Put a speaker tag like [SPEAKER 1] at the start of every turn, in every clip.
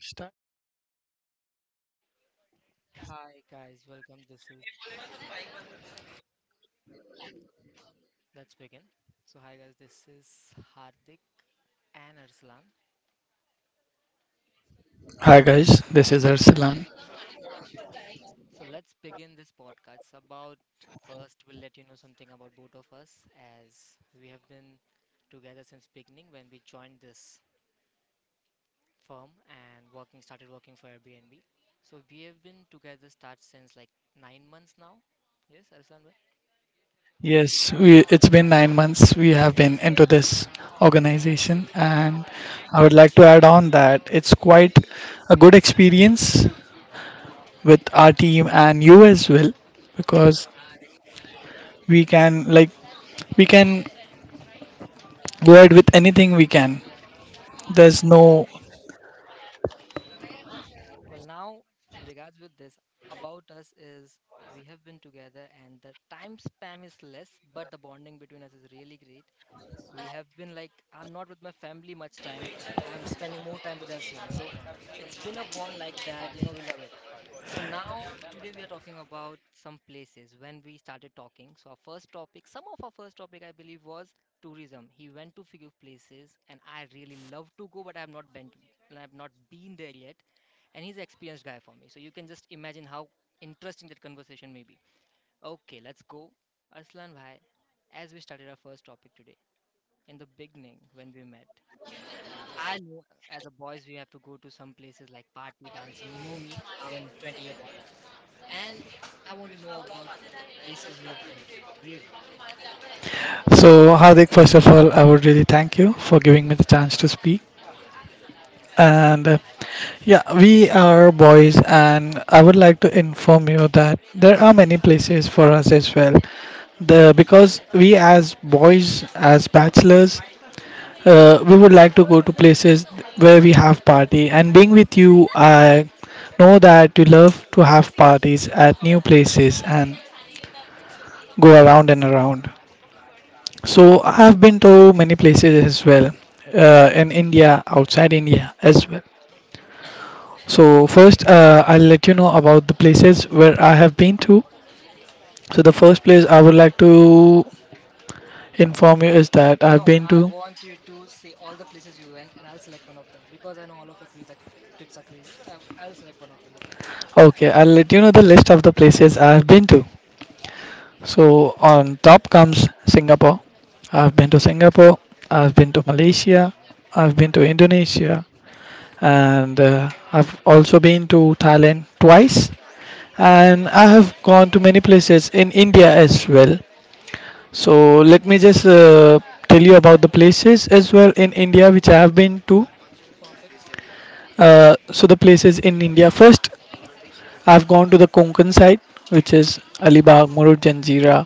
[SPEAKER 1] Start.
[SPEAKER 2] Hi guys, welcome. This is Let's begin. So hi guys, this is Hardik and Arslan.
[SPEAKER 1] Hi guys, this is Arsalan.
[SPEAKER 2] So let's begin this podcast about, first we'll let you know something about both of us, as we have been together since beginning when we joined this firm and working started working for Airbnb. So we have been together start since like 9 months now. Yes, Arslan.
[SPEAKER 1] It's been 9 months we have been into this organization, and I would like to add on that it's quite a good experience with our team and you as well, because we can like we can go ahead with anything we can. There's no
[SPEAKER 2] Well, now, in regards with this, about us is we have been together and the time spam is less, but the bonding between us is really great. We have been like, I'm not with my family much time, I'm spending more time with Arslan, so it's been a bond like that. We love it. So now today we are talking about some places. When we started talking, so our first topic some of our first topic, I believe, was tourism. He went to few places and I really love to go, but I have not been there yet, and he's an experienced guy for me, so you can just imagine how interesting that conversation may be. Okay, let's go, Arslan bhai. As we started our first topic today, in the beginning when we met. I know, as a boys we have to go to some places like party dancing. You know me, I'm a 20-year boy, and I want to know about places you have been. Really?
[SPEAKER 1] so Hardik. First of all, I would really thank you for giving me the chance to speak, and yeah, we are boys, and I would like to inform you that there are many places for us as well. The because we as boys, as bachelors, we would like to go to places where we have party. And being with you, I know that you love to have parties at new places and go around and around. So I have been to many places as well, in India, outside India as well. So first, I'll let you know about the places where I have been to. So the first place I would like to inform you is that I've
[SPEAKER 2] No,
[SPEAKER 1] been
[SPEAKER 2] I
[SPEAKER 1] to.
[SPEAKER 2] want you to say all the places you went, and I'll select one of them because I know all of your crazy trips are crazy, but I'll select one of them. Okay?
[SPEAKER 1] Okay, I'll let you know the list of the places I have been to. So on top comes Singapore. I've been to Singapore. I've been to Malaysia. I've been to Indonesia, and I've also been to Thailand twice. And I have gone to many places in India as well. So let me just tell you about the places as well in India which I have been to.
[SPEAKER 2] Perfect.
[SPEAKER 1] So the places in India first, I've gone to the Konkan side, which is Alibag, Murud Janjira,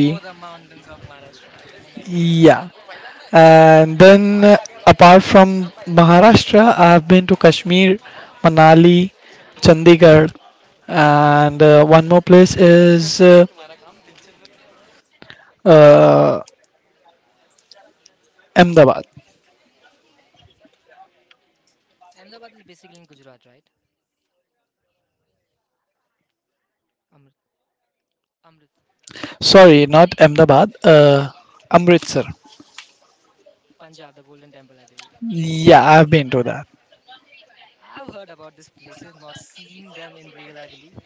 [SPEAKER 2] Oh, the mountains of Maharashtra! I can imagine that.
[SPEAKER 1] Yeah, and then apart from Maharashtra, I have been to Kashmir, Manali, Chandigarh, and one more place is uh, Ahmedabad.
[SPEAKER 2] Ahmedabad is basically in Gujarat, right? Amrit, Amritsar,
[SPEAKER 1] Sorry, not Ahmedabad. Amritsar.
[SPEAKER 2] Punjab, the Golden Temple, I believe.
[SPEAKER 1] Yeah, I've been to that.
[SPEAKER 2] I've heard about these places, not seen them in real, I believe,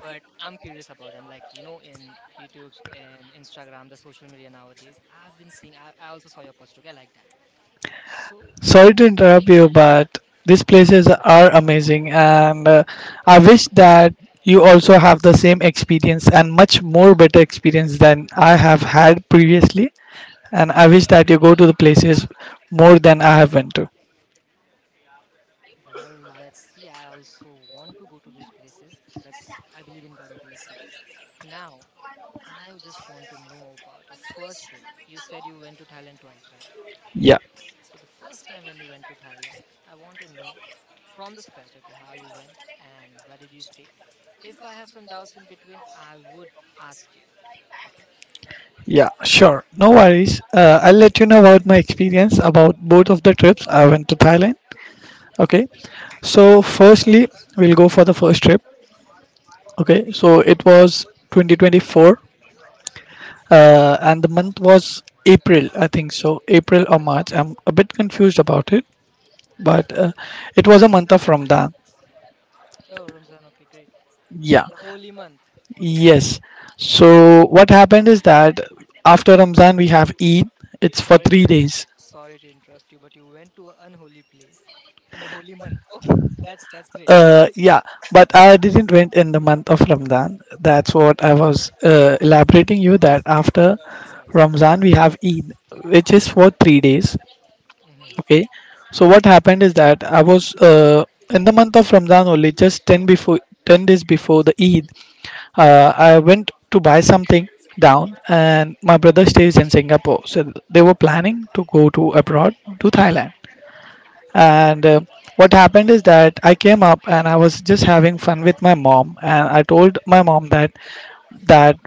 [SPEAKER 2] but I'm curious about them. Like, you know, in YouTube's and Instagram, the social media nowadays, I've been seeing, I also saw your post, okay? I like that. So,
[SPEAKER 1] Sorry to interrupt you, but these places are amazing, and I wish that you also have the same experience and much more better experience than I have had previously. And I wish that you go to the places more than I have went to.
[SPEAKER 2] well, let's see. I also want to go to those places. I believe in God, okay? Let's see. Now, I just want to know about your first trip. You said you went to Thailand twice, right?
[SPEAKER 1] Yeah,
[SPEAKER 2] So the first time when you went to Thailand, I want to know from the scratch, okay, how you went and where did you stay. If I have some doubts in between, I would ask you. Okay.
[SPEAKER 1] yeah, sure, no worries. I'll let you know about my experience about both of the trips I went to Thailand. Okay, so firstly, we'll go for the first trip. Okay, so it was 2024 and the month was April, I think so, April or March. I'm a bit confused about it, but it was a month of Ramadan.
[SPEAKER 2] Oh, Ramzan. Okay, great.
[SPEAKER 1] Yeah,
[SPEAKER 2] The holy month.
[SPEAKER 1] yes. So what happened is that after Ramadan we have Eid. It's for
[SPEAKER 2] Sorry
[SPEAKER 1] three
[SPEAKER 2] to in-
[SPEAKER 1] days.
[SPEAKER 2] sorry to interrupt you, but you went to an unholy place in the holy month. Okay, that's great.
[SPEAKER 1] Yeah, but I didn't went in the month of Ramadan. That's what I was elaborating you that after
[SPEAKER 2] Oh, sorry, sorry.
[SPEAKER 1] Ramadan we have Eid, which is for 3 days.
[SPEAKER 2] Yeah. Mm-hmm.
[SPEAKER 1] Okay, so what happened is that I was in the month of Ramadan only, 10 days before the Eid. I went to buy something down, and my brother stays in Singapore, so they were planning to go to abroad to Thailand. And what happened is that I came up and I was just having fun with my mom, and I told my mom that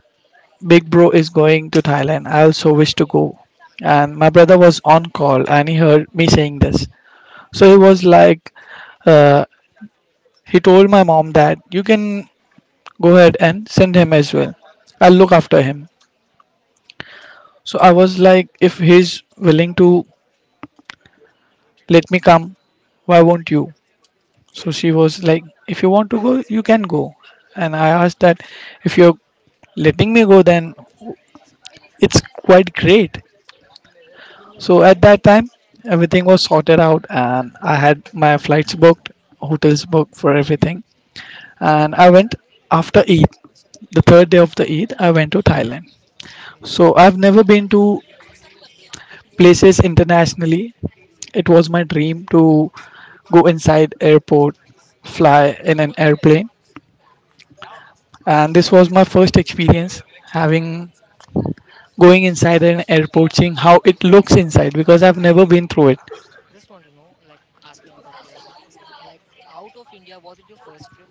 [SPEAKER 1] big bro is going to Thailand. I also wish to go. And my brother was on call, and he heard me saying this, so he was like, uh, he told my mom that you can go ahead and send him as well. I'll look after him. So I was like, if he's willing to let me come, why won't you? So she was like, if you want to go, you can go. And I asked that if you're letting me go, then it's quite great. So at that time, everything was sorted out, and I had my flights booked, hotels booked for everything. And I went after Eid, the third day of the Eid, I went to Thailand.
[SPEAKER 2] Okay.
[SPEAKER 1] So I've never been to places internationally. It was my dream to go inside airport, fly in an airplane, and this was my first experience having going inside an airport, seeing how it looks inside because I've never been through it.
[SPEAKER 2] Just want to know, like, asking out of curiosity, like, out of India, was it your first trip?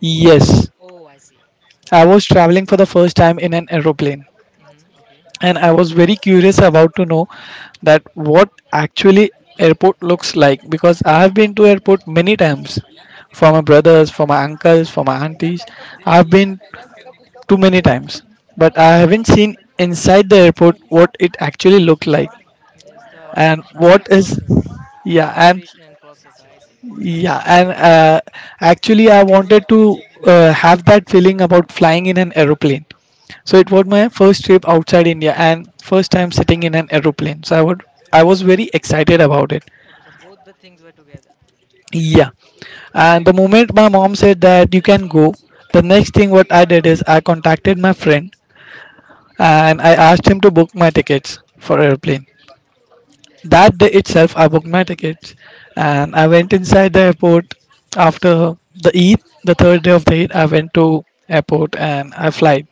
[SPEAKER 1] Yes,
[SPEAKER 2] Oh, I see.
[SPEAKER 1] I
[SPEAKER 2] Okay.
[SPEAKER 1] was traveling for the first time in an aeroplane.
[SPEAKER 2] Mm-hmm. Okay.
[SPEAKER 1] And I was very curious about to know that what actually airport looks like because I have been to airport many times for my brothers, for my uncles, for my aunties. I've been too many times, but I haven't seen inside the airport what it actually looked like
[SPEAKER 2] Yes, the
[SPEAKER 1] and
[SPEAKER 2] actual
[SPEAKER 1] what is
[SPEAKER 2] process, the
[SPEAKER 1] yeah and
[SPEAKER 2] immigration process. I see.
[SPEAKER 1] yeah, and uh, actually, I wanted to have that feeling about flying in an aeroplane. So it was my
[SPEAKER 2] Okay.
[SPEAKER 1] first trip outside India and first time sitting in an aeroplane. So I would, I was very excited about it.
[SPEAKER 2] Okay. So both the things were together.
[SPEAKER 1] Yeah, and the moment my mom said that you can go, the next thing what I did is I contacted my friend and I asked him to book my tickets for aeroplane. That day itself, I booked my tickets and I went inside the airport after the Eid, the third day of the Eid. I went to airport and I flight.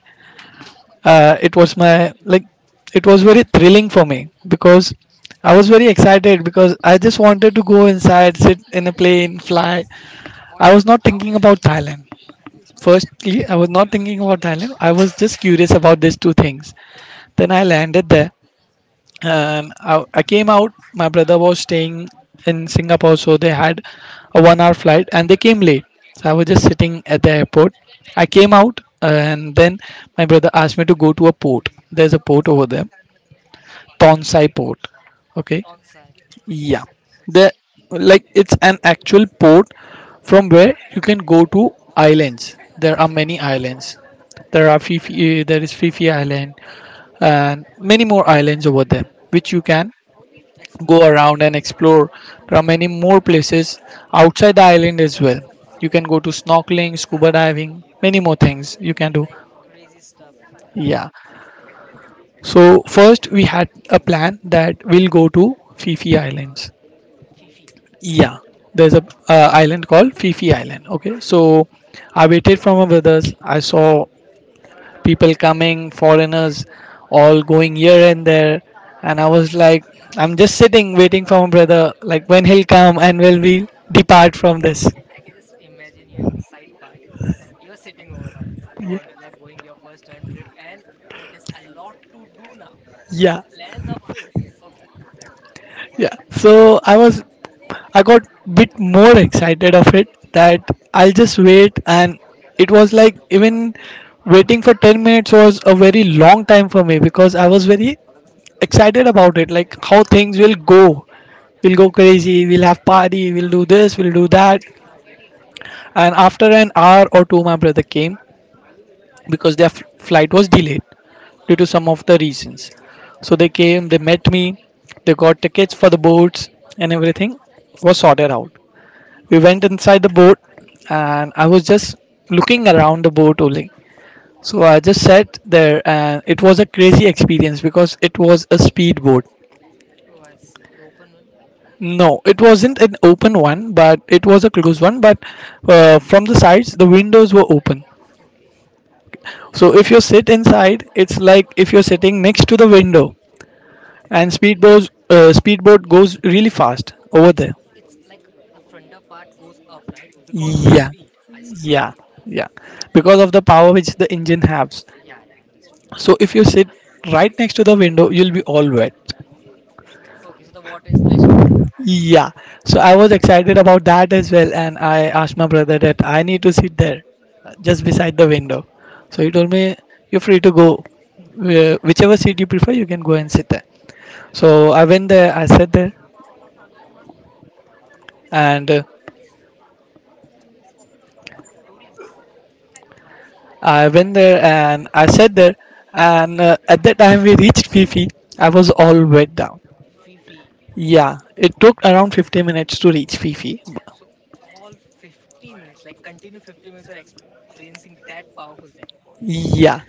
[SPEAKER 1] Uh, it was my like, it was very thrilling for me because I was very excited because I just wanted to go inside, sit in a plane, fly. I was not thinking about Thailand. Firstly, I was not thinking about Thailand. I was just curious about these two things. Then I landed there and I came out. My brother was staying in Singapore, so they had a 1 hour flight and they came late, so I was just sitting at the airport. I came out and then my brother asked me to go to a port. There's a port over there, Tonsai port. Okay,
[SPEAKER 2] Tonsai.
[SPEAKER 1] yeah, the
[SPEAKER 2] Okay.
[SPEAKER 1] like it's an actual port from where you can go to islands. There are many islands. There are fifi eh, there is Fifi island and many more islands over there which you
[SPEAKER 2] Hmm.
[SPEAKER 1] can go
[SPEAKER 2] Explore like.
[SPEAKER 1] around and explore. There are many more places outside
[SPEAKER 2] Hmm.
[SPEAKER 1] the island as well. You can go to snorkeling, scuba diving, many more things you can do.
[SPEAKER 2] Like crazy stuff as well.
[SPEAKER 1] Yeah.
[SPEAKER 2] Okay.
[SPEAKER 1] So first we had a plan that we'll go to Fifi Islands.
[SPEAKER 2] Fifi.
[SPEAKER 1] Yeah, there's a
[SPEAKER 2] Okay.
[SPEAKER 1] uh, island called Fifi Island. Okay, so I waited for my brothers. I saw people coming, foreigners all going here and there. And I was like, I'm just sitting waiting for my brother, like when he'll come and will we depart from this.
[SPEAKER 2] I can just imagine your inside part. You're sitting over there.
[SPEAKER 1] Y-
[SPEAKER 2] Foreigners are going your first time trip, and there's a lot to do now. The
[SPEAKER 1] Yeah.
[SPEAKER 2] plans are filled. Okay.
[SPEAKER 1] So I was, I got bit more excited of it that I'll just wait. And it was like even waiting for 10 minutes was a very long time for me because I was very excited about it, like how things will go. We'll go crazy, we'll have party, we'll do this, we'll do that. And after an hour or two, my brother came because their flight was delayed due to some of the reasons. So they came, they met me, they got tickets for the boats, and everything was sorted out. We went inside the boat, and I was just looking around the boat only. So I just sat there, and it was a crazy experience because it was a speed boat.
[SPEAKER 2] Oh, I see. The open one.
[SPEAKER 1] No, it wasn't an open one, but it was a closed one. But from the sides, the windows were open.
[SPEAKER 2] Okay.
[SPEAKER 1] So if you sit inside, it's like if you're sitting next to the window, and speedboat goes really fast over
[SPEAKER 2] It's
[SPEAKER 1] there.
[SPEAKER 2] like the frontal part goes up, right? Because of the
[SPEAKER 1] Yeah,
[SPEAKER 2] speed. I see.
[SPEAKER 1] yeah, yeah, because of the power which the engine has.
[SPEAKER 2] Yeah, yeah, understood. Okay.
[SPEAKER 1] So if you sit right next to the window, you'll be all wet.
[SPEAKER 2] Okay, so the water is splashing all around. I see.
[SPEAKER 1] Yeah. So I was excited about that as well, and I asked my brother that I need to sit there, just beside the window. So he
[SPEAKER 2] Okay.
[SPEAKER 1] told me, "You're free to go, whichever seat you prefer, you can go and sit there." So I went there. I sat there. And I went there and I sat there and at that time we reached Fifi. I was all wet down.
[SPEAKER 2] Fifi.
[SPEAKER 1] Yeah, it
[SPEAKER 2] Okay.
[SPEAKER 1] took around 50 minutes to reach Fifi.
[SPEAKER 2] So all 50 minutes, like continue 50 minutes, you are experiencing that powerful thing.
[SPEAKER 1] Yeah,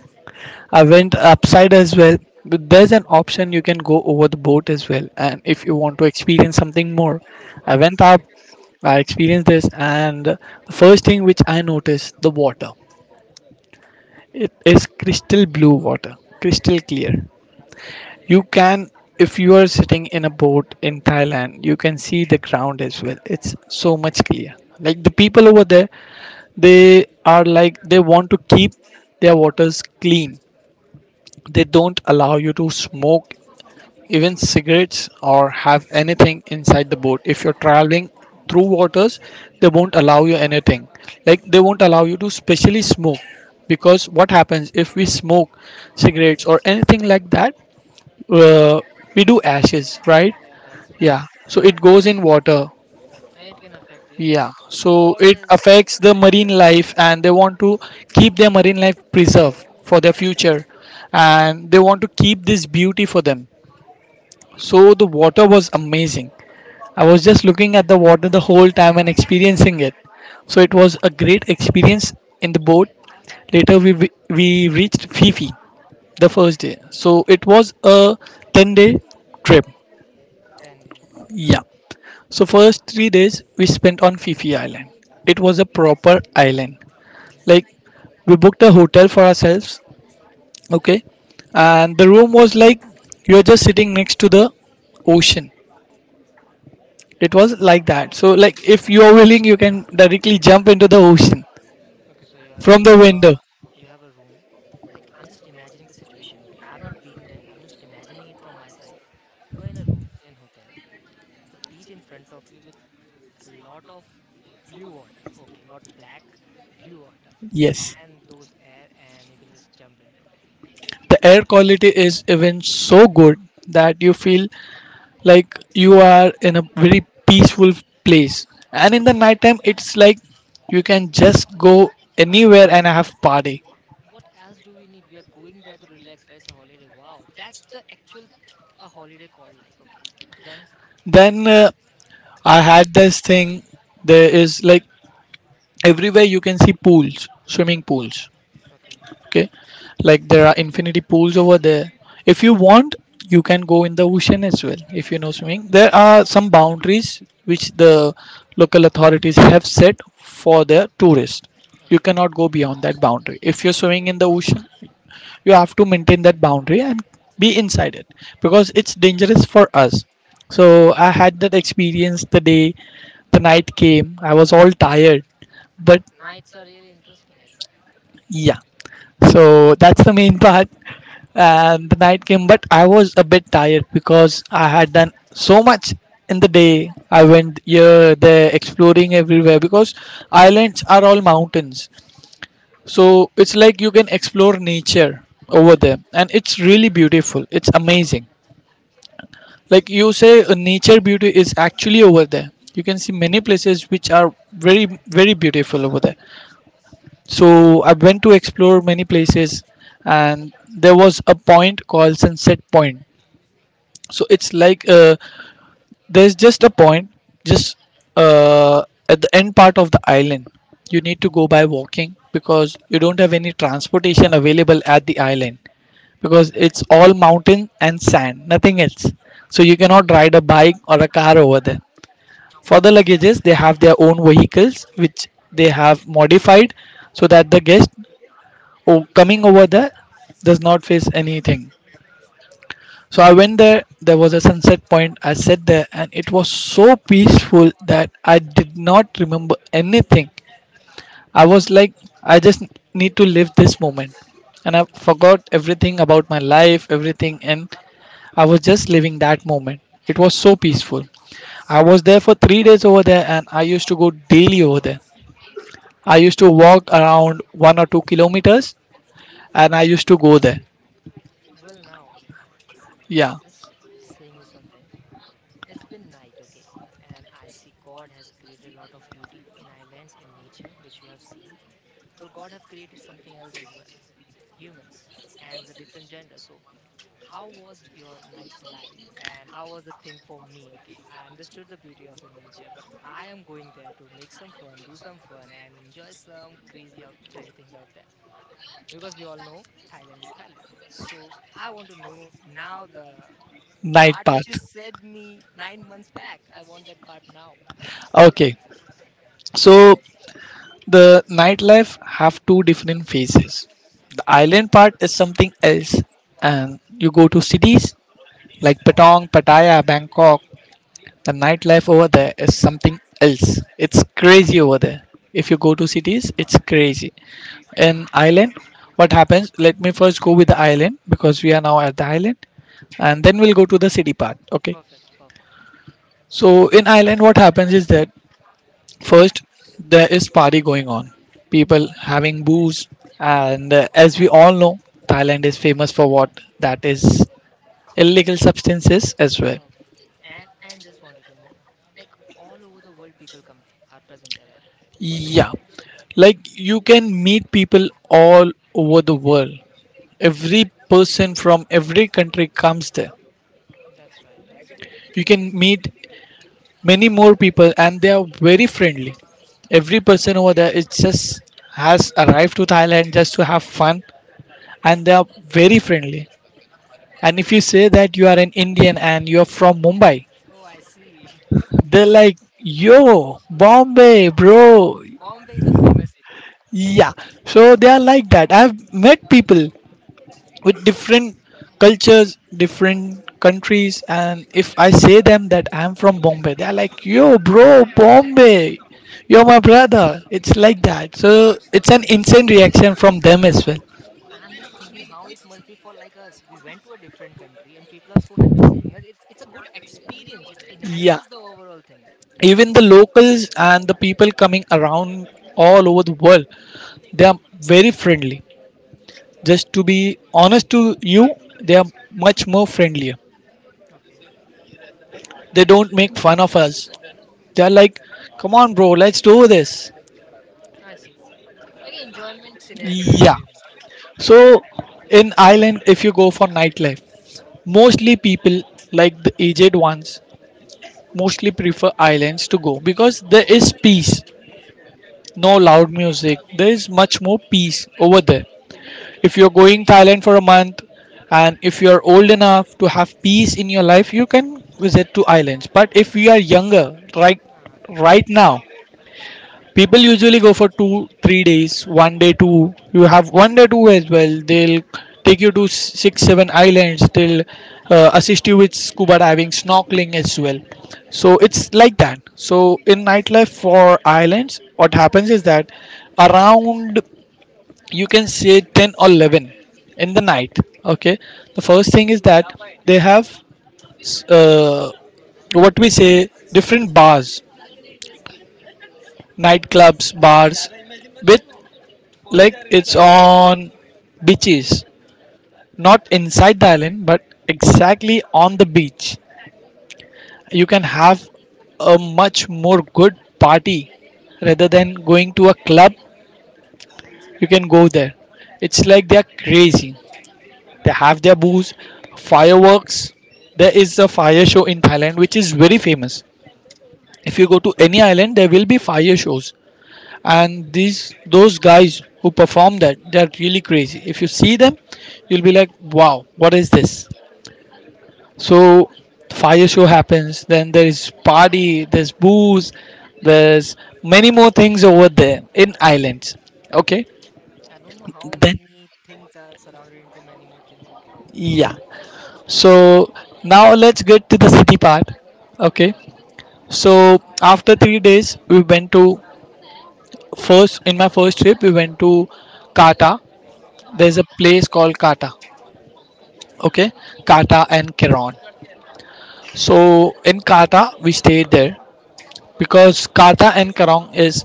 [SPEAKER 1] I went upside as well. But there's an option you can go over the boat as well. And if you want
[SPEAKER 2] Okay.
[SPEAKER 1] to experience something more, I
[SPEAKER 2] Okay, I
[SPEAKER 1] went
[SPEAKER 2] see.
[SPEAKER 1] up, I
[SPEAKER 2] Mhm.
[SPEAKER 1] experienced this, and the first thing which I noticed the water. It is crystal blue water, crystal clear. You can, if you are sitting in a boat in Thailand, you can see the ground as well. It's so much clear. Like the people over there, they are like they want to keep their waters clean. They don't allow you to smoke even cigarettes or have anything inside the boat. If you're traveling through waters, they won't allow you anything. Like they won't allow you to specially smoke because what happens if we smoke cigarettes or anything like that, uh, we do ashes, right?
[SPEAKER 2] Yeah, that's right.
[SPEAKER 1] Yeah. So it goes in water.
[SPEAKER 2] And it can affect the, yeah,
[SPEAKER 1] Yeah.
[SPEAKER 2] that's right.
[SPEAKER 1] So
[SPEAKER 2] God
[SPEAKER 1] it
[SPEAKER 2] is
[SPEAKER 1] affects the marine life, and they want to keep their marine life preserved for their future, and they want to keep this beauty for them. So the water was amazing. I was just looking at the water the whole time and experiencing it. So it was a great experience in the boat. Later we reached Fifi the first day. So it was a 10-day day trip.
[SPEAKER 2] 10-day, okay.
[SPEAKER 1] Yeah. So first 3 days we spent on Fifi Island. It was a proper island.
[SPEAKER 2] Hmm.
[SPEAKER 1] Like, we booked a hotel for ourselves, okay, and the room was like you're just sitting next to the ocean. It was like that. So like if you are willing, you can directly jump into the ocean
[SPEAKER 2] Okay, so you are,
[SPEAKER 1] from the window.
[SPEAKER 2] you have a room. Like I'm just imagining the situation, okay? I've not been there. I'm just imagining it from my side. You are in a room in a hotel. There's a beach in front of you with a lot of blue water. Okay, not black, blue water.
[SPEAKER 1] Yes,
[SPEAKER 2] And those air, and you can just jump into it.
[SPEAKER 1] the air quality is even so good that you feel like you are in a very peaceful place, and in the nighttime it's like you can just go anywhere and have party.
[SPEAKER 2] What else do we need? We are going there to relax, right? It's a holiday. Wow, that's the actual a holiday called like. Okay, then
[SPEAKER 1] Then I had this thing. There is, like, everywhere you can see pools, swimming pools.
[SPEAKER 2] okay,
[SPEAKER 1] Okay, like there are infinity pools over there. If you want, you can go in the ocean as well if you know swimming. There are some boundaries which the local authorities have set for their tourists. You
[SPEAKER 2] okay.
[SPEAKER 1] cannot go beyond that boundary if you're swimming in the ocean. You have to maintain that boundary and be inside it because it's dangerous for us. So I had that experience. The day the night came, I was all tired, but
[SPEAKER 2] Nights are really interesting. I see.
[SPEAKER 1] yeah. So that's the main part. And the night came, but I was a bit tired because I had done so much. In the day I went here there exploring everywhere because islands are all mountains. So it's like you can explore nature over there, and it's really beautiful, it's amazing. Like you say, nature beauty is actually over there. You can see many places which are very, very beautiful over there. So I went to explore many places. And there was a point called sunset point. So it's like, there's just a point, just uh, at the end part of the island. You need to go by walking because you don't have any transportation available at the island, because it's all mountain and sand, nothing else. So you cannot ride a bike or a car over there. For the luggages, they have their own vehicles which they have modified so that the guest coming over there does not face anything. So I went there, there was a sunset point. I sat there and it was so peaceful that I did not remember anything. I was like, I just need to live this moment. And I
[SPEAKER 2] Okay.
[SPEAKER 1] forgot everything about my life, everything, and I was just living that moment. It was so peaceful. I was there for 3 days over there and I used to go daily over there. I used to walk around 1 or 2 kilometers and I used to go there.
[SPEAKER 2] Well, now,
[SPEAKER 1] Yeah,
[SPEAKER 2] just saying you something. It's been night. Okay, and I see God has created a lot of beauty in islands in nature, which you have seen. Well, god have created something else as well, humans, and with a different gender. So how was your nightlife and how was the thing for me? Okay, I understood the beauty of the nature, but I am going there to make some fun, do some fun and enjoy some crazy out, crazy things out there, because we all know Thailand is Thailand. So I want to know now the
[SPEAKER 1] night
[SPEAKER 2] part
[SPEAKER 1] path.
[SPEAKER 2] which you said me 9 months back. I want that part now.
[SPEAKER 1] Okay, so the nightlife have two different phases. The island part is something else, and you go to cities like Patong, Pattaya, Bangkok. The nightlife over there is something else. It's crazy over there. If you go to cities, it's crazy. In island, what happens? Let me first go with the island because we are now at the island, and then we'll go to the city part. Okay.
[SPEAKER 2] Perfect, perfect.
[SPEAKER 1] So in island, what happens is that, first, there is party going on. People having booze, and as we all know, Thailand is famous for what, that is illegal substances as well.
[SPEAKER 2] Okay, and just wanted to know, like, all over the world, people come, are present there, right?
[SPEAKER 1] Yeah, like you can meet people all over the world. Every person from every country comes there.
[SPEAKER 2] That's right.
[SPEAKER 1] You can meet many more people, and they are very friendly. Every person over there is just has arrived to Thailand just to have fun, and they are very friendly. And if you say that you are an Indian and you're from Mumbai,
[SPEAKER 2] Oh, I see.
[SPEAKER 1] they're like, yo, Bombay, bro.
[SPEAKER 2] Bombay is a famous city.
[SPEAKER 1] Yeah. So they are like that. I've met people with different cultures, different countries, and if I say them that I'm from Bombay, they're like, yo, bro, Bombay. You're my brother. It's like that. So it's an instant reaction from them as well.
[SPEAKER 2] I'm just thinking how it must be for like us. We went to a different country and people are so happy seeing us. It's a good experience. It
[SPEAKER 1] Yeah.
[SPEAKER 2] enhances the overall thing.
[SPEAKER 1] Even the locals and the people coming around all over the world, they are very friendly. Just to be honest to you, they are much more friendlier.
[SPEAKER 2] Okay.
[SPEAKER 1] They don't make fun of us. They are like, come on, bro, let's do this.
[SPEAKER 2] I see. Like an enjoyment scenario
[SPEAKER 1] Yeah.
[SPEAKER 2] everywhere. Yeah,
[SPEAKER 1] So, in Ireland, if you go for nightlife, mostly people like the aged ones mostly prefer islands to go because there is peace, no loud music. There
[SPEAKER 2] yeah.
[SPEAKER 1] is
[SPEAKER 2] Hmm.
[SPEAKER 1] much more peace over there. If you're going Thailand for a month and if you're old enough to have peace in your life, you can visit two islands. But if
[SPEAKER 2] This.
[SPEAKER 1] we are younger, right
[SPEAKER 2] Nah, that's
[SPEAKER 1] right
[SPEAKER 2] right.
[SPEAKER 1] now, people usually go for two, 3 days, one day two. You have one day two as well. They'll take you to six, seven islands. They'll assist you with scuba diving, snorkeling as well. So it's like that. So in nightlife for islands, what happens is that around you can say 10 or 11 in the night. Okay, the first thing is that they have, uh, what we say, different bars, nightclubs, bars, with, like, it's on beaches, not inside the island but exactly on the beach. You can have a much more good party rather than going to a club. You can go there. It's like they are crazy. They have their booze, fireworks. There is a fire show in Thailand which is very famous. If you go to any island, there will be fire shows, and these those guys who perform that, they are really crazy. If you see them, you'll be like, "Wow, what is this?" So, fire show happens. Then there is party. There's booze. There's many more things over there in islands. Okay,
[SPEAKER 2] I don't know how
[SPEAKER 1] then,
[SPEAKER 2] many things are surrounded into many more things. Okay.
[SPEAKER 1] yeah. So now let's get to the city part. Okay.
[SPEAKER 2] Okay.
[SPEAKER 1] So after 3 days, we went to first in my first trip. We went to Kata. There's a
[SPEAKER 2] Kata.
[SPEAKER 1] place called Kata. Okay, Kata and Keron. So in Kata, we stayed there because Kata and Keron is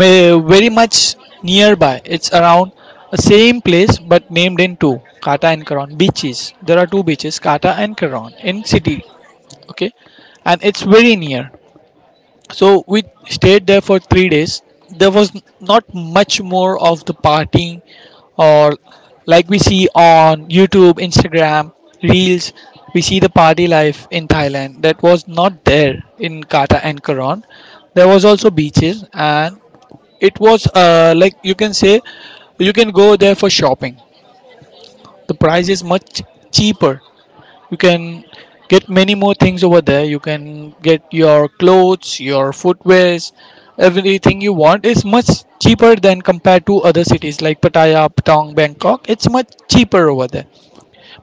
[SPEAKER 1] very much nearby. It's around the same place but named in two, Kata and Keron beaches. There are two
[SPEAKER 2] Okay.
[SPEAKER 1] beaches, Kata and Keron, in city.
[SPEAKER 2] Hmm.
[SPEAKER 1] Okay, and it's very near. So we stayed there for 3 days. There was not much more of the partying or like we see on YouTube, Instagram, Reels. We see the party life in Thailand that was not there in Kata and Karon. There was also beaches and it was, like you can say, you can go there for shopping. The price is much cheaper. You can get many more things over there. You can get your clothes, your footwears, everything you want is much cheaper than compared to other cities like Pattaya, Patong, Bangkok. It's much cheaper over there.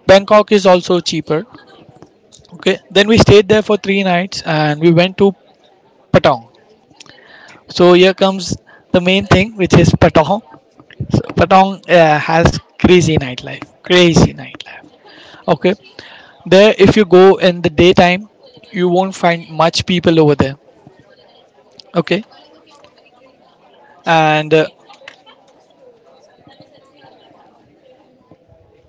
[SPEAKER 1] Bangkok is also cheaper. Okay, then we stayed there for 3 nights and we went to Patong. So here comes the main thing, which is Patong. So Patong has crazy nightlife, crazy nightlife. Okay, there, if you go in the daytime, you won't find much people over there. Okay, and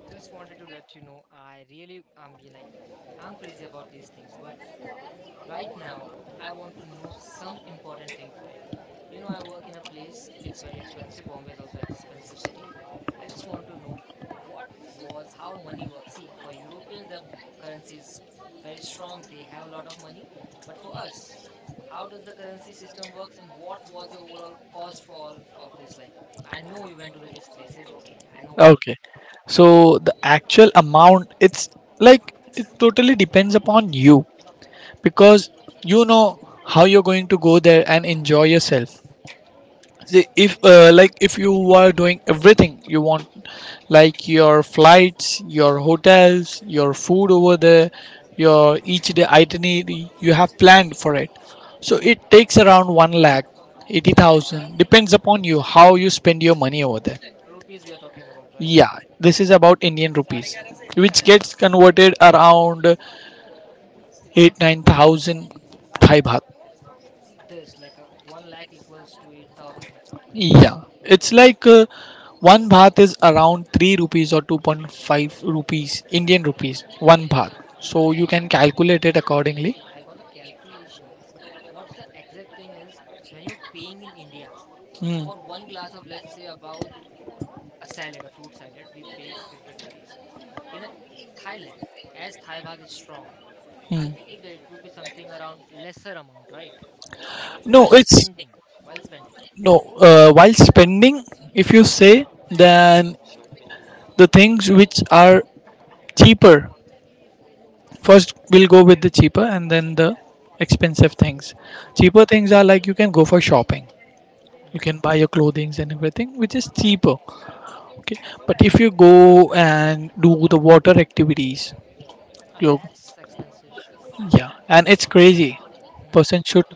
[SPEAKER 2] Just wanted to let you know, I'm being like, I'm crazy about these things, but right now I want to know some important thing for you. You know, I work in a place, it's very expensive. Bombay is also expensive city. I just want to know what was how money works. See, for Europeans the currency is very strong, they have a lot of money. But for us, how does the currency system works and what was your overall cost for all of this? Like, I know you went to various places, okay. I know what all you
[SPEAKER 1] okay,
[SPEAKER 2] did.
[SPEAKER 1] so the actual amount, it's like it totally depends upon you because you know how you're going to go there and enjoy yourself. See, if like, if you are doing everything you want, like your flights, your hotels, your food over there, your each day itinerary you have planned for it, so it takes around 1 lakh 80,000, depends upon you how you spend your money over there.
[SPEAKER 2] Rupees we are talking about, right?
[SPEAKER 1] Yeah, this
[SPEAKER 2] Okay,
[SPEAKER 1] is about Indian rupees, which
[SPEAKER 2] okay.
[SPEAKER 1] gets converted around 8 9,000 Thai baht.
[SPEAKER 2] This like a 1 lakh equals to 8,000 Thai baht.
[SPEAKER 1] Yeah, it's like, one baht is around 3 rupees or 2.5 rupees, Indian rupees, one baht. So you can calculate it accordingly.
[SPEAKER 2] See, I got the calculation, but what's the exact thing is, when you're paying in India
[SPEAKER 1] Hmm.
[SPEAKER 2] for one glass of, let's say, about a salad, a fruit salad, we pay 50 rupees. In a Thailand, as Thai baht is strong, I
[SPEAKER 1] Hmm.
[SPEAKER 2] believe that it would be something around lesser amount, right?
[SPEAKER 1] No,
[SPEAKER 2] While
[SPEAKER 1] it's
[SPEAKER 2] spending, while spending.
[SPEAKER 1] no. While spending, if you say, then the things which are cheaper, 1st we'll go with the cheaper and then the expensive things.
[SPEAKER 2] Okay.
[SPEAKER 1] Cheaper things are like you can go for shopping, you
[SPEAKER 2] Mm-hmm.
[SPEAKER 1] can buy your clothing and everything, which is cheaper. Okay, but if you go and do the water activities,
[SPEAKER 2] Ah,
[SPEAKER 1] you,
[SPEAKER 2] that's expensive.
[SPEAKER 1] yeah, and it's crazy.
[SPEAKER 2] Mm-hmm.
[SPEAKER 1] Person should,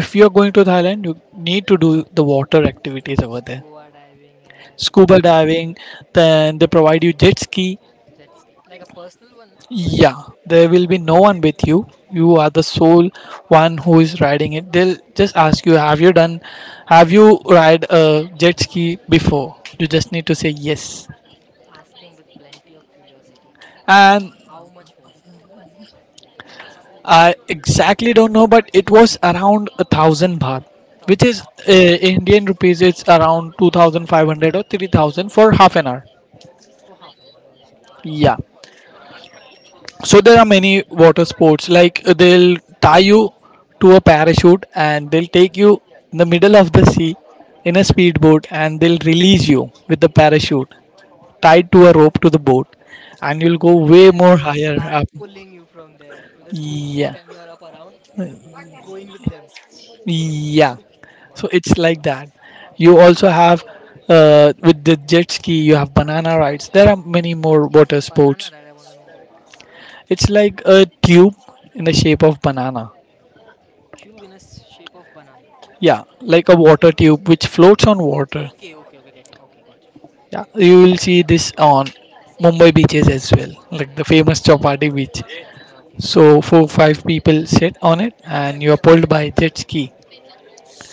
[SPEAKER 1] if you're going to Thailand, you need to do the water activities over there.
[SPEAKER 2] Scuba diving and
[SPEAKER 1] Scuba diving, then they provide you jet ski.
[SPEAKER 2] jet ski. Like a personal one, right?
[SPEAKER 1] Yeah, there
[SPEAKER 2] Okay.
[SPEAKER 1] will be no one with you. You are
[SPEAKER 2] Hmm.
[SPEAKER 1] the sole one who is riding it. They'll just ask you, have you done, have you ride a jet ski before? You just need to say yes.
[SPEAKER 2] Asking with plenty of curiosity,
[SPEAKER 1] And
[SPEAKER 2] how much was it? Like a jet ski.
[SPEAKER 1] I exactly don't know, but it was around 1,000 baht, which
[SPEAKER 2] Thousand
[SPEAKER 1] is,
[SPEAKER 2] baht
[SPEAKER 1] Indian rupees. It's around 2,500 or 3,000 for half an hour.
[SPEAKER 2] for half an hour. All right.
[SPEAKER 1] Yeah. So there are many water sports. Like they'll tie you to a parachute, and they'll take you in the middle of the sea in a speedboat, and they'll release you with the parachute tied to a rope to the boat, and you'll go way
[SPEAKER 2] And
[SPEAKER 1] more
[SPEAKER 2] they'll
[SPEAKER 1] higher
[SPEAKER 2] start
[SPEAKER 1] up.
[SPEAKER 2] pulling you from there with a speedboat
[SPEAKER 1] Yeah.
[SPEAKER 2] and you're up around, going with them.
[SPEAKER 1] Yeah, so
[SPEAKER 2] Wow.
[SPEAKER 1] it's like that. You also have with the jet ski, you have banana rides. There are many more water
[SPEAKER 2] Banana
[SPEAKER 1] sports.
[SPEAKER 2] ride, I want to know about this.
[SPEAKER 1] It's like a tube in the
[SPEAKER 2] Okay.
[SPEAKER 1] shape of banana.
[SPEAKER 2] Cube in a s- shape of banana.
[SPEAKER 1] Yeah, like a water tube which floats on water.
[SPEAKER 2] Okay, okay, okay, getting. Okay, got you.
[SPEAKER 1] Yeah, you will see this on Mumbai beaches as well, like the
[SPEAKER 2] Mm-hmm.
[SPEAKER 1] famous Chopati beach.
[SPEAKER 2] Okay.
[SPEAKER 1] So four five people sit on it, and you are pulled by jet ski.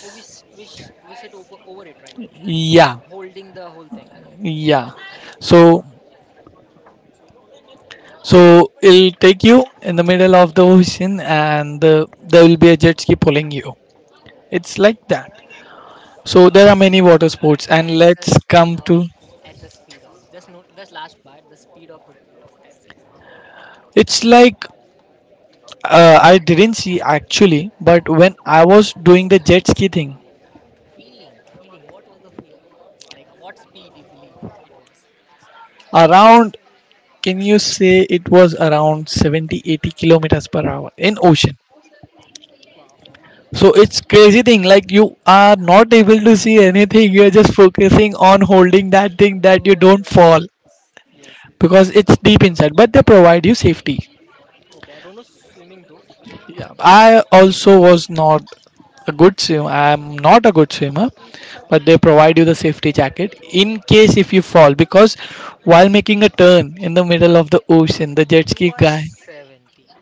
[SPEAKER 2] Oh, we sit over, over it, right?
[SPEAKER 1] Yeah,
[SPEAKER 2] Holding the whole thing.
[SPEAKER 1] yeah. So So it'll take you in the middle of the ocean, and there will be a jet ski pulling you. It's like that. So there are many water sports, and
[SPEAKER 2] at the
[SPEAKER 1] let's come
[SPEAKER 2] speed of
[SPEAKER 1] to.
[SPEAKER 2] at the speed of, just, no, just last part, the speed of the boat, that's it.
[SPEAKER 1] It's like I didn't see actually, but when I was doing the jet ski thing,
[SPEAKER 2] Feeling, what was the feeling, like what speed you believe it was?
[SPEAKER 1] around, can you say, it was around 70, 80 kilometers per hour in
[SPEAKER 2] Wow.
[SPEAKER 1] ocean.
[SPEAKER 2] Wow.
[SPEAKER 1] So it's crazy thing, like you are not able to see anything, you are just focusing on holding that thing that you
[SPEAKER 2] Oh my
[SPEAKER 1] don't
[SPEAKER 2] god.
[SPEAKER 1] fall,
[SPEAKER 2] Yes, yes, yes.
[SPEAKER 1] because it's deep inside, but they provide you safety.
[SPEAKER 2] Okay, I don't know swimming though. Let's,
[SPEAKER 1] I also was not a good swimmer, I'm not a good swimmer, but they provide you the safety jacket in case if you fall, because while making a turn in the middle of the ocean, the jet
[SPEAKER 2] you
[SPEAKER 1] ski
[SPEAKER 2] are at
[SPEAKER 1] guy,
[SPEAKER 2] 70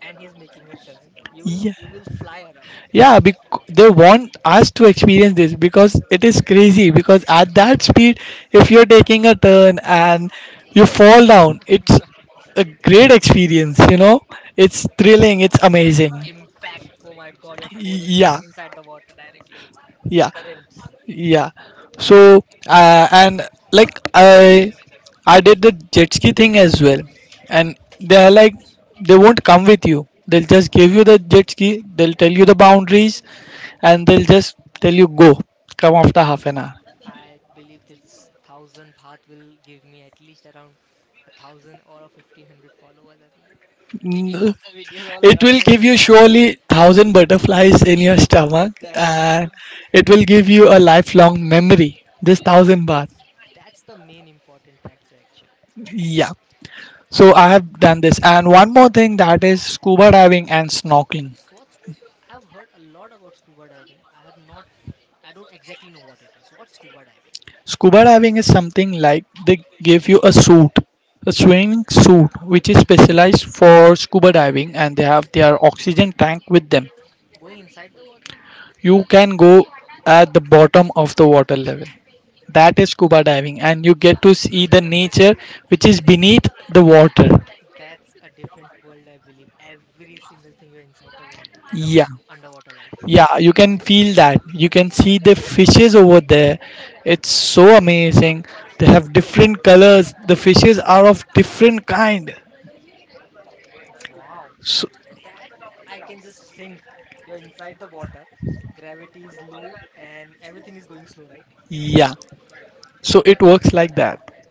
[SPEAKER 2] and he's making a turn,
[SPEAKER 1] yeah,
[SPEAKER 2] you will fly around.
[SPEAKER 1] yeah, they want us to experience this because it is crazy. Because at that speed, if you're taking a turn
[SPEAKER 2] Yeah.
[SPEAKER 1] and you fall down, it's a great experience, you know. It's thrilling, it's
[SPEAKER 2] That
[SPEAKER 1] amazing.
[SPEAKER 2] impact, oh my god, you're falling
[SPEAKER 1] Yeah,
[SPEAKER 2] falling inside the water directly,
[SPEAKER 1] yeah,
[SPEAKER 2] currents.
[SPEAKER 1] yeah. So and like, I did the jet ski thing as well. And they are like, they won't come with you, they'll just give you the jet ski, they'll tell you the boundaries, and they'll just tell you go, come after half an hour.
[SPEAKER 2] I believe this 1,000 baht will give me at least around a thousand or a 1,500 followers, I believe, taking
[SPEAKER 1] Mm,
[SPEAKER 2] all the videos all
[SPEAKER 1] it
[SPEAKER 2] around
[SPEAKER 1] will
[SPEAKER 2] the
[SPEAKER 1] give you
[SPEAKER 2] video.
[SPEAKER 1] surely thousand butterflies in your stomach,
[SPEAKER 2] That's
[SPEAKER 1] and
[SPEAKER 2] true.
[SPEAKER 1] it will give you a lifelong memory, this
[SPEAKER 2] Ah,
[SPEAKER 1] thousand baht.
[SPEAKER 2] that's the main important factor actually.
[SPEAKER 1] Yeah. So I have done this. And one more thing, that is scuba diving and snorkeling.
[SPEAKER 2] What scu- I've heard a lot about scuba diving. I have not. I don't exactly know what it is. What's scuba diving?
[SPEAKER 1] Scuba diving is something like they give you a suit, a swimming suit, which is
[SPEAKER 2] Hmm.
[SPEAKER 1] specialized for scuba diving, and they have their oxygen tank with them.
[SPEAKER 2] Going inside the water.
[SPEAKER 1] You can go at the bottom of the water level. That is scuba diving, and you get to see the nature which is beneath the water.
[SPEAKER 2] That's a different world, I believe. Every single thing, you're inside the water and the
[SPEAKER 1] Yeah.
[SPEAKER 2] underwater life.
[SPEAKER 1] Yeah, you can feel that, you can see the fishes over there. It's so amazing. They have different colors, the fishes are of different kind.
[SPEAKER 2] Wow, that,
[SPEAKER 1] So
[SPEAKER 2] that I can just think. You're inside the water, gravity is low, and everything is going slow, right?
[SPEAKER 1] yeah, so it works like that.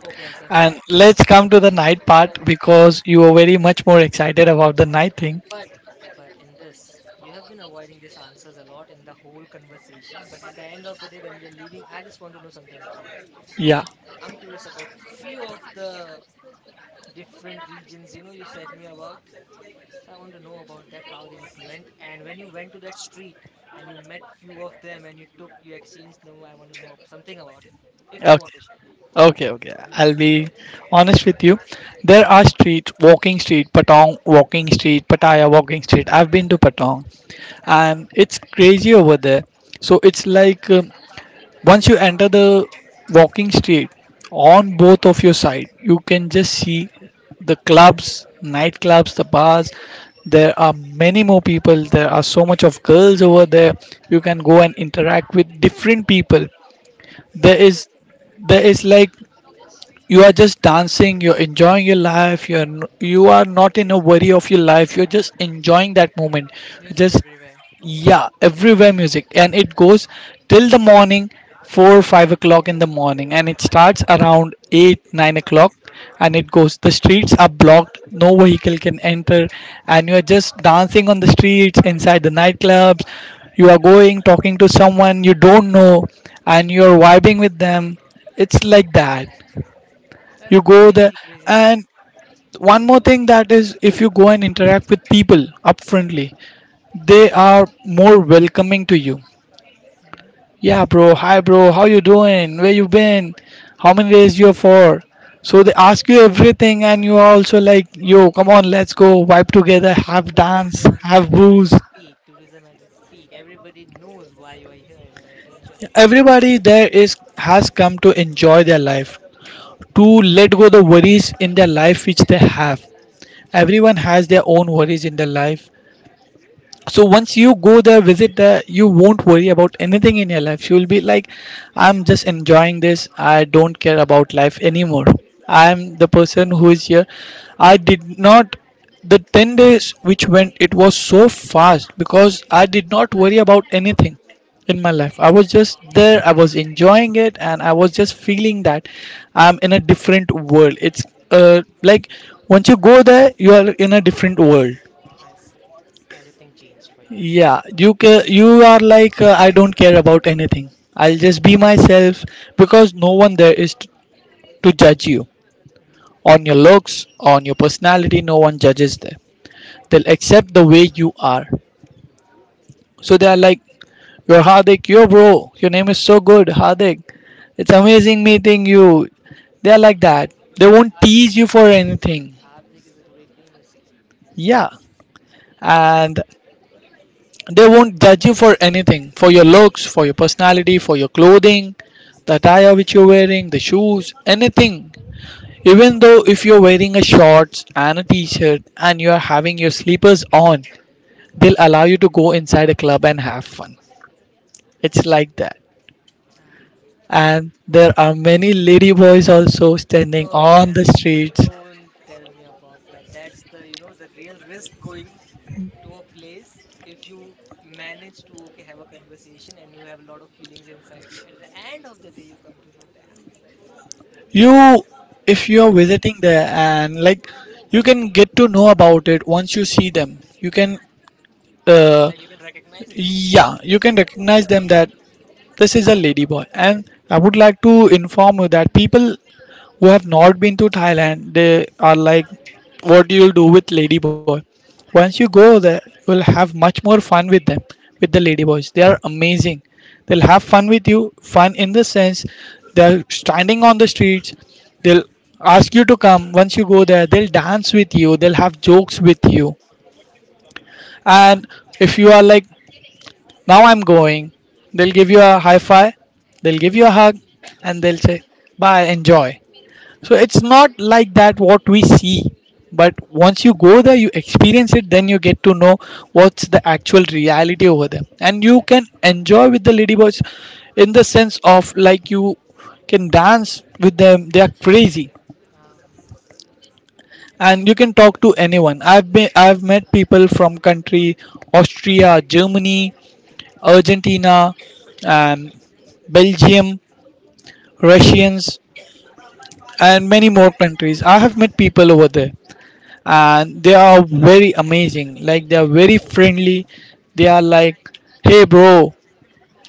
[SPEAKER 2] Okay, Aslan,
[SPEAKER 1] And
[SPEAKER 2] bye.
[SPEAKER 1] let's come to the night
[SPEAKER 2] No,
[SPEAKER 1] part, because
[SPEAKER 2] okay.
[SPEAKER 1] you are very much more excited about the night thing.
[SPEAKER 2] But but in this, you have been avoiding these answers a lot in the whole conversation. But at the end of the day, when we are leaving, I just want to know something up from you.
[SPEAKER 1] Yeah,
[SPEAKER 2] I'm curious about few of the different regions. You know, you said me about. So I want to know about that, how did it went, and when you went to that street and you met few of them and you took, you exchanged number. I want to know ab- something about it, if you
[SPEAKER 1] okay.
[SPEAKER 2] want to share.
[SPEAKER 1] Okay, okay. I'll be honest with you. There are streets, walking street Patong, walking street Pattaya, walking street. I've been to Patong, and it's crazy over there. So it's like once you enter the walking street, on both of your side, you can just see the clubs, nightclubs, the bars. There are many more people. There are so much of girls over there. You can go and interact with different people. There is there is like,
[SPEAKER 2] Yes,
[SPEAKER 1] you are just dancing, you're enjoying your life, you're you are not in a worry of your life, you're just enjoying that moment.
[SPEAKER 2] music
[SPEAKER 1] Just
[SPEAKER 2] everywhere.
[SPEAKER 1] yeah, everywhere music. And it goes till the morning, 4 5 o'clock in the morning, and it starts around 8 9 o'clock. And it goes, the streets are blocked, no vehicle can enter, and you are just dancing on the streets, inside the nightclubs. You are going, talking to someone you don't know, and you're vibing with them. It's like that.
[SPEAKER 2] That's
[SPEAKER 1] You
[SPEAKER 2] a
[SPEAKER 1] go there,
[SPEAKER 2] crazy, crazy thing.
[SPEAKER 1] and one more thing, that is, if you go and interact with people upfrontly, they are more welcoming to you.
[SPEAKER 2] Hmm.
[SPEAKER 1] Yeah bro, hi bro, how you doing, where you been, how many days you're for. So they ask you everything, and you are also like, yo, come on, let's go vibe together, have dance,
[SPEAKER 2] Tourism
[SPEAKER 1] have
[SPEAKER 2] at
[SPEAKER 1] booze.
[SPEAKER 2] its peak. Tourism at its peak. Everybody knows why you are here and you are here to enjoy.
[SPEAKER 1] Everybody there is has come to enjoy their life, to let go the worries in their life which they have. Everyone has their own worries in their life. So once you go there, visit there, you won't worry about anything in your life. You'll be like, I'm just enjoying this, I don't care about life anymore. I'm the person who is here. I did not, the 10 days which went, it was so fast, because I did not worry about anything in my life. I was just there, I was enjoying it, and I was just feeling that I'm in a different world. It's like, once you go there, you are in a different world.
[SPEAKER 2] I see. Everything changed for you.
[SPEAKER 1] Yeah, you you are like, I don't care about anything. I'll just be myself, because no one there is to judge you
[SPEAKER 2] Hmm.
[SPEAKER 1] on your looks, on your personality. No one judges there. They'll accept the way you are. So they are like, "You're Hardik, yo bro. Your name is so good, Hardik. It's amazing meeting you." They are like that. They
[SPEAKER 2] Well,
[SPEAKER 1] won't
[SPEAKER 2] Hardik,
[SPEAKER 1] tease you for anything.
[SPEAKER 2] Hardik is a great name, you see.
[SPEAKER 1] Yeah, and they won't judge you for anything, for your looks, for your personality, for your clothing, the
[SPEAKER 2] Mhm.
[SPEAKER 1] attire which you're wearing, the shoes, anything. Even though if you're wearing a shorts and a t-shirt and you're having your sleepers on, they'll allow you to go inside a club and have fun. It's like that.
[SPEAKER 2] Ah, wow.
[SPEAKER 1] And there are many lady boys also standing
[SPEAKER 2] Oh
[SPEAKER 1] on
[SPEAKER 2] damn.
[SPEAKER 1] the streets.
[SPEAKER 2] Don't tell me about that. That's the, you know, the real risk going to a place. If you manage to okay have a conversation and you have a lot of feelings inside you, at the end of the day you come to know, damn.
[SPEAKER 1] You, if you're visiting there, and like, you can get to know about it once you see them. You can, uh,
[SPEAKER 2] Like you can recognize them.
[SPEAKER 1] yeah, you can recognize them that this is a ladyboy. And I would
[SPEAKER 2] Hmm.
[SPEAKER 1] like to inform you that people who have not been to Thailand, they are like, what you'll do with ladyboy. Once you go there, you'll have much more fun with them, with the ladyboys. They are amazing. They'll have fun with you. Fun in the sense, they're standing on the streets. They'll ask you to come. Once you go there, they'll dance with you, they'll have jokes with you. And if you are like, now I'm going, they'll give you a high five, they'll give you a hug, and they'll say, "Bye, enjoy." So it's not like that what we see. But once you go there, you experience it, then you get to know what's the actual reality over there. And you
[SPEAKER 2] That's
[SPEAKER 1] can
[SPEAKER 2] true.
[SPEAKER 1] enjoy with the ladyboys in the sense of like, you can dance with them, they are crazy.
[SPEAKER 2] Ah, yes.
[SPEAKER 1] And you can talk to anyone. I've met people from country Austria, Germany, Argentina, and Belgium, Russians, and many more countries. I have met people over there, and they are very amazing. Like, they are very friendly. They are like, "Hey, bro,"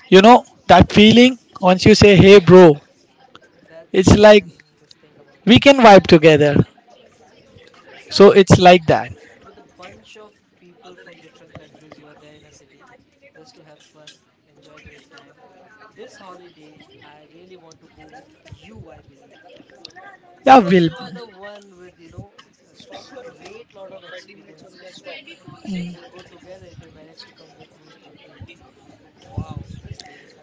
[SPEAKER 1] you know that feeling. Once you say, "Hey, bro,"
[SPEAKER 2] That's
[SPEAKER 1] it's
[SPEAKER 2] I
[SPEAKER 1] like
[SPEAKER 2] can just think about it.
[SPEAKER 1] we can vibe together.
[SPEAKER 2] That's right.
[SPEAKER 1] So
[SPEAKER 2] And
[SPEAKER 1] it's like that.
[SPEAKER 2] with a bunch of people from different countries, you are there in a city just to have fun, enjoy a great time. This holiday, I really want to go with you, I believe,
[SPEAKER 1] Yeah,
[SPEAKER 2] because
[SPEAKER 1] we'll
[SPEAKER 2] you are the one with a great lot of experiences. So if we'll go together, if you manage to come with me, it would be wow experience for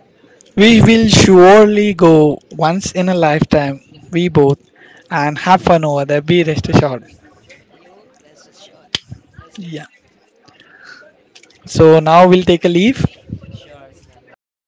[SPEAKER 1] we will surely go once in a lifetime, we both, and have fun over there. Be rest assured.
[SPEAKER 2] me. You rest assured, let's do it.
[SPEAKER 1] Yeah. So now we'll take a leave.
[SPEAKER 2] Sure, Slanba, that's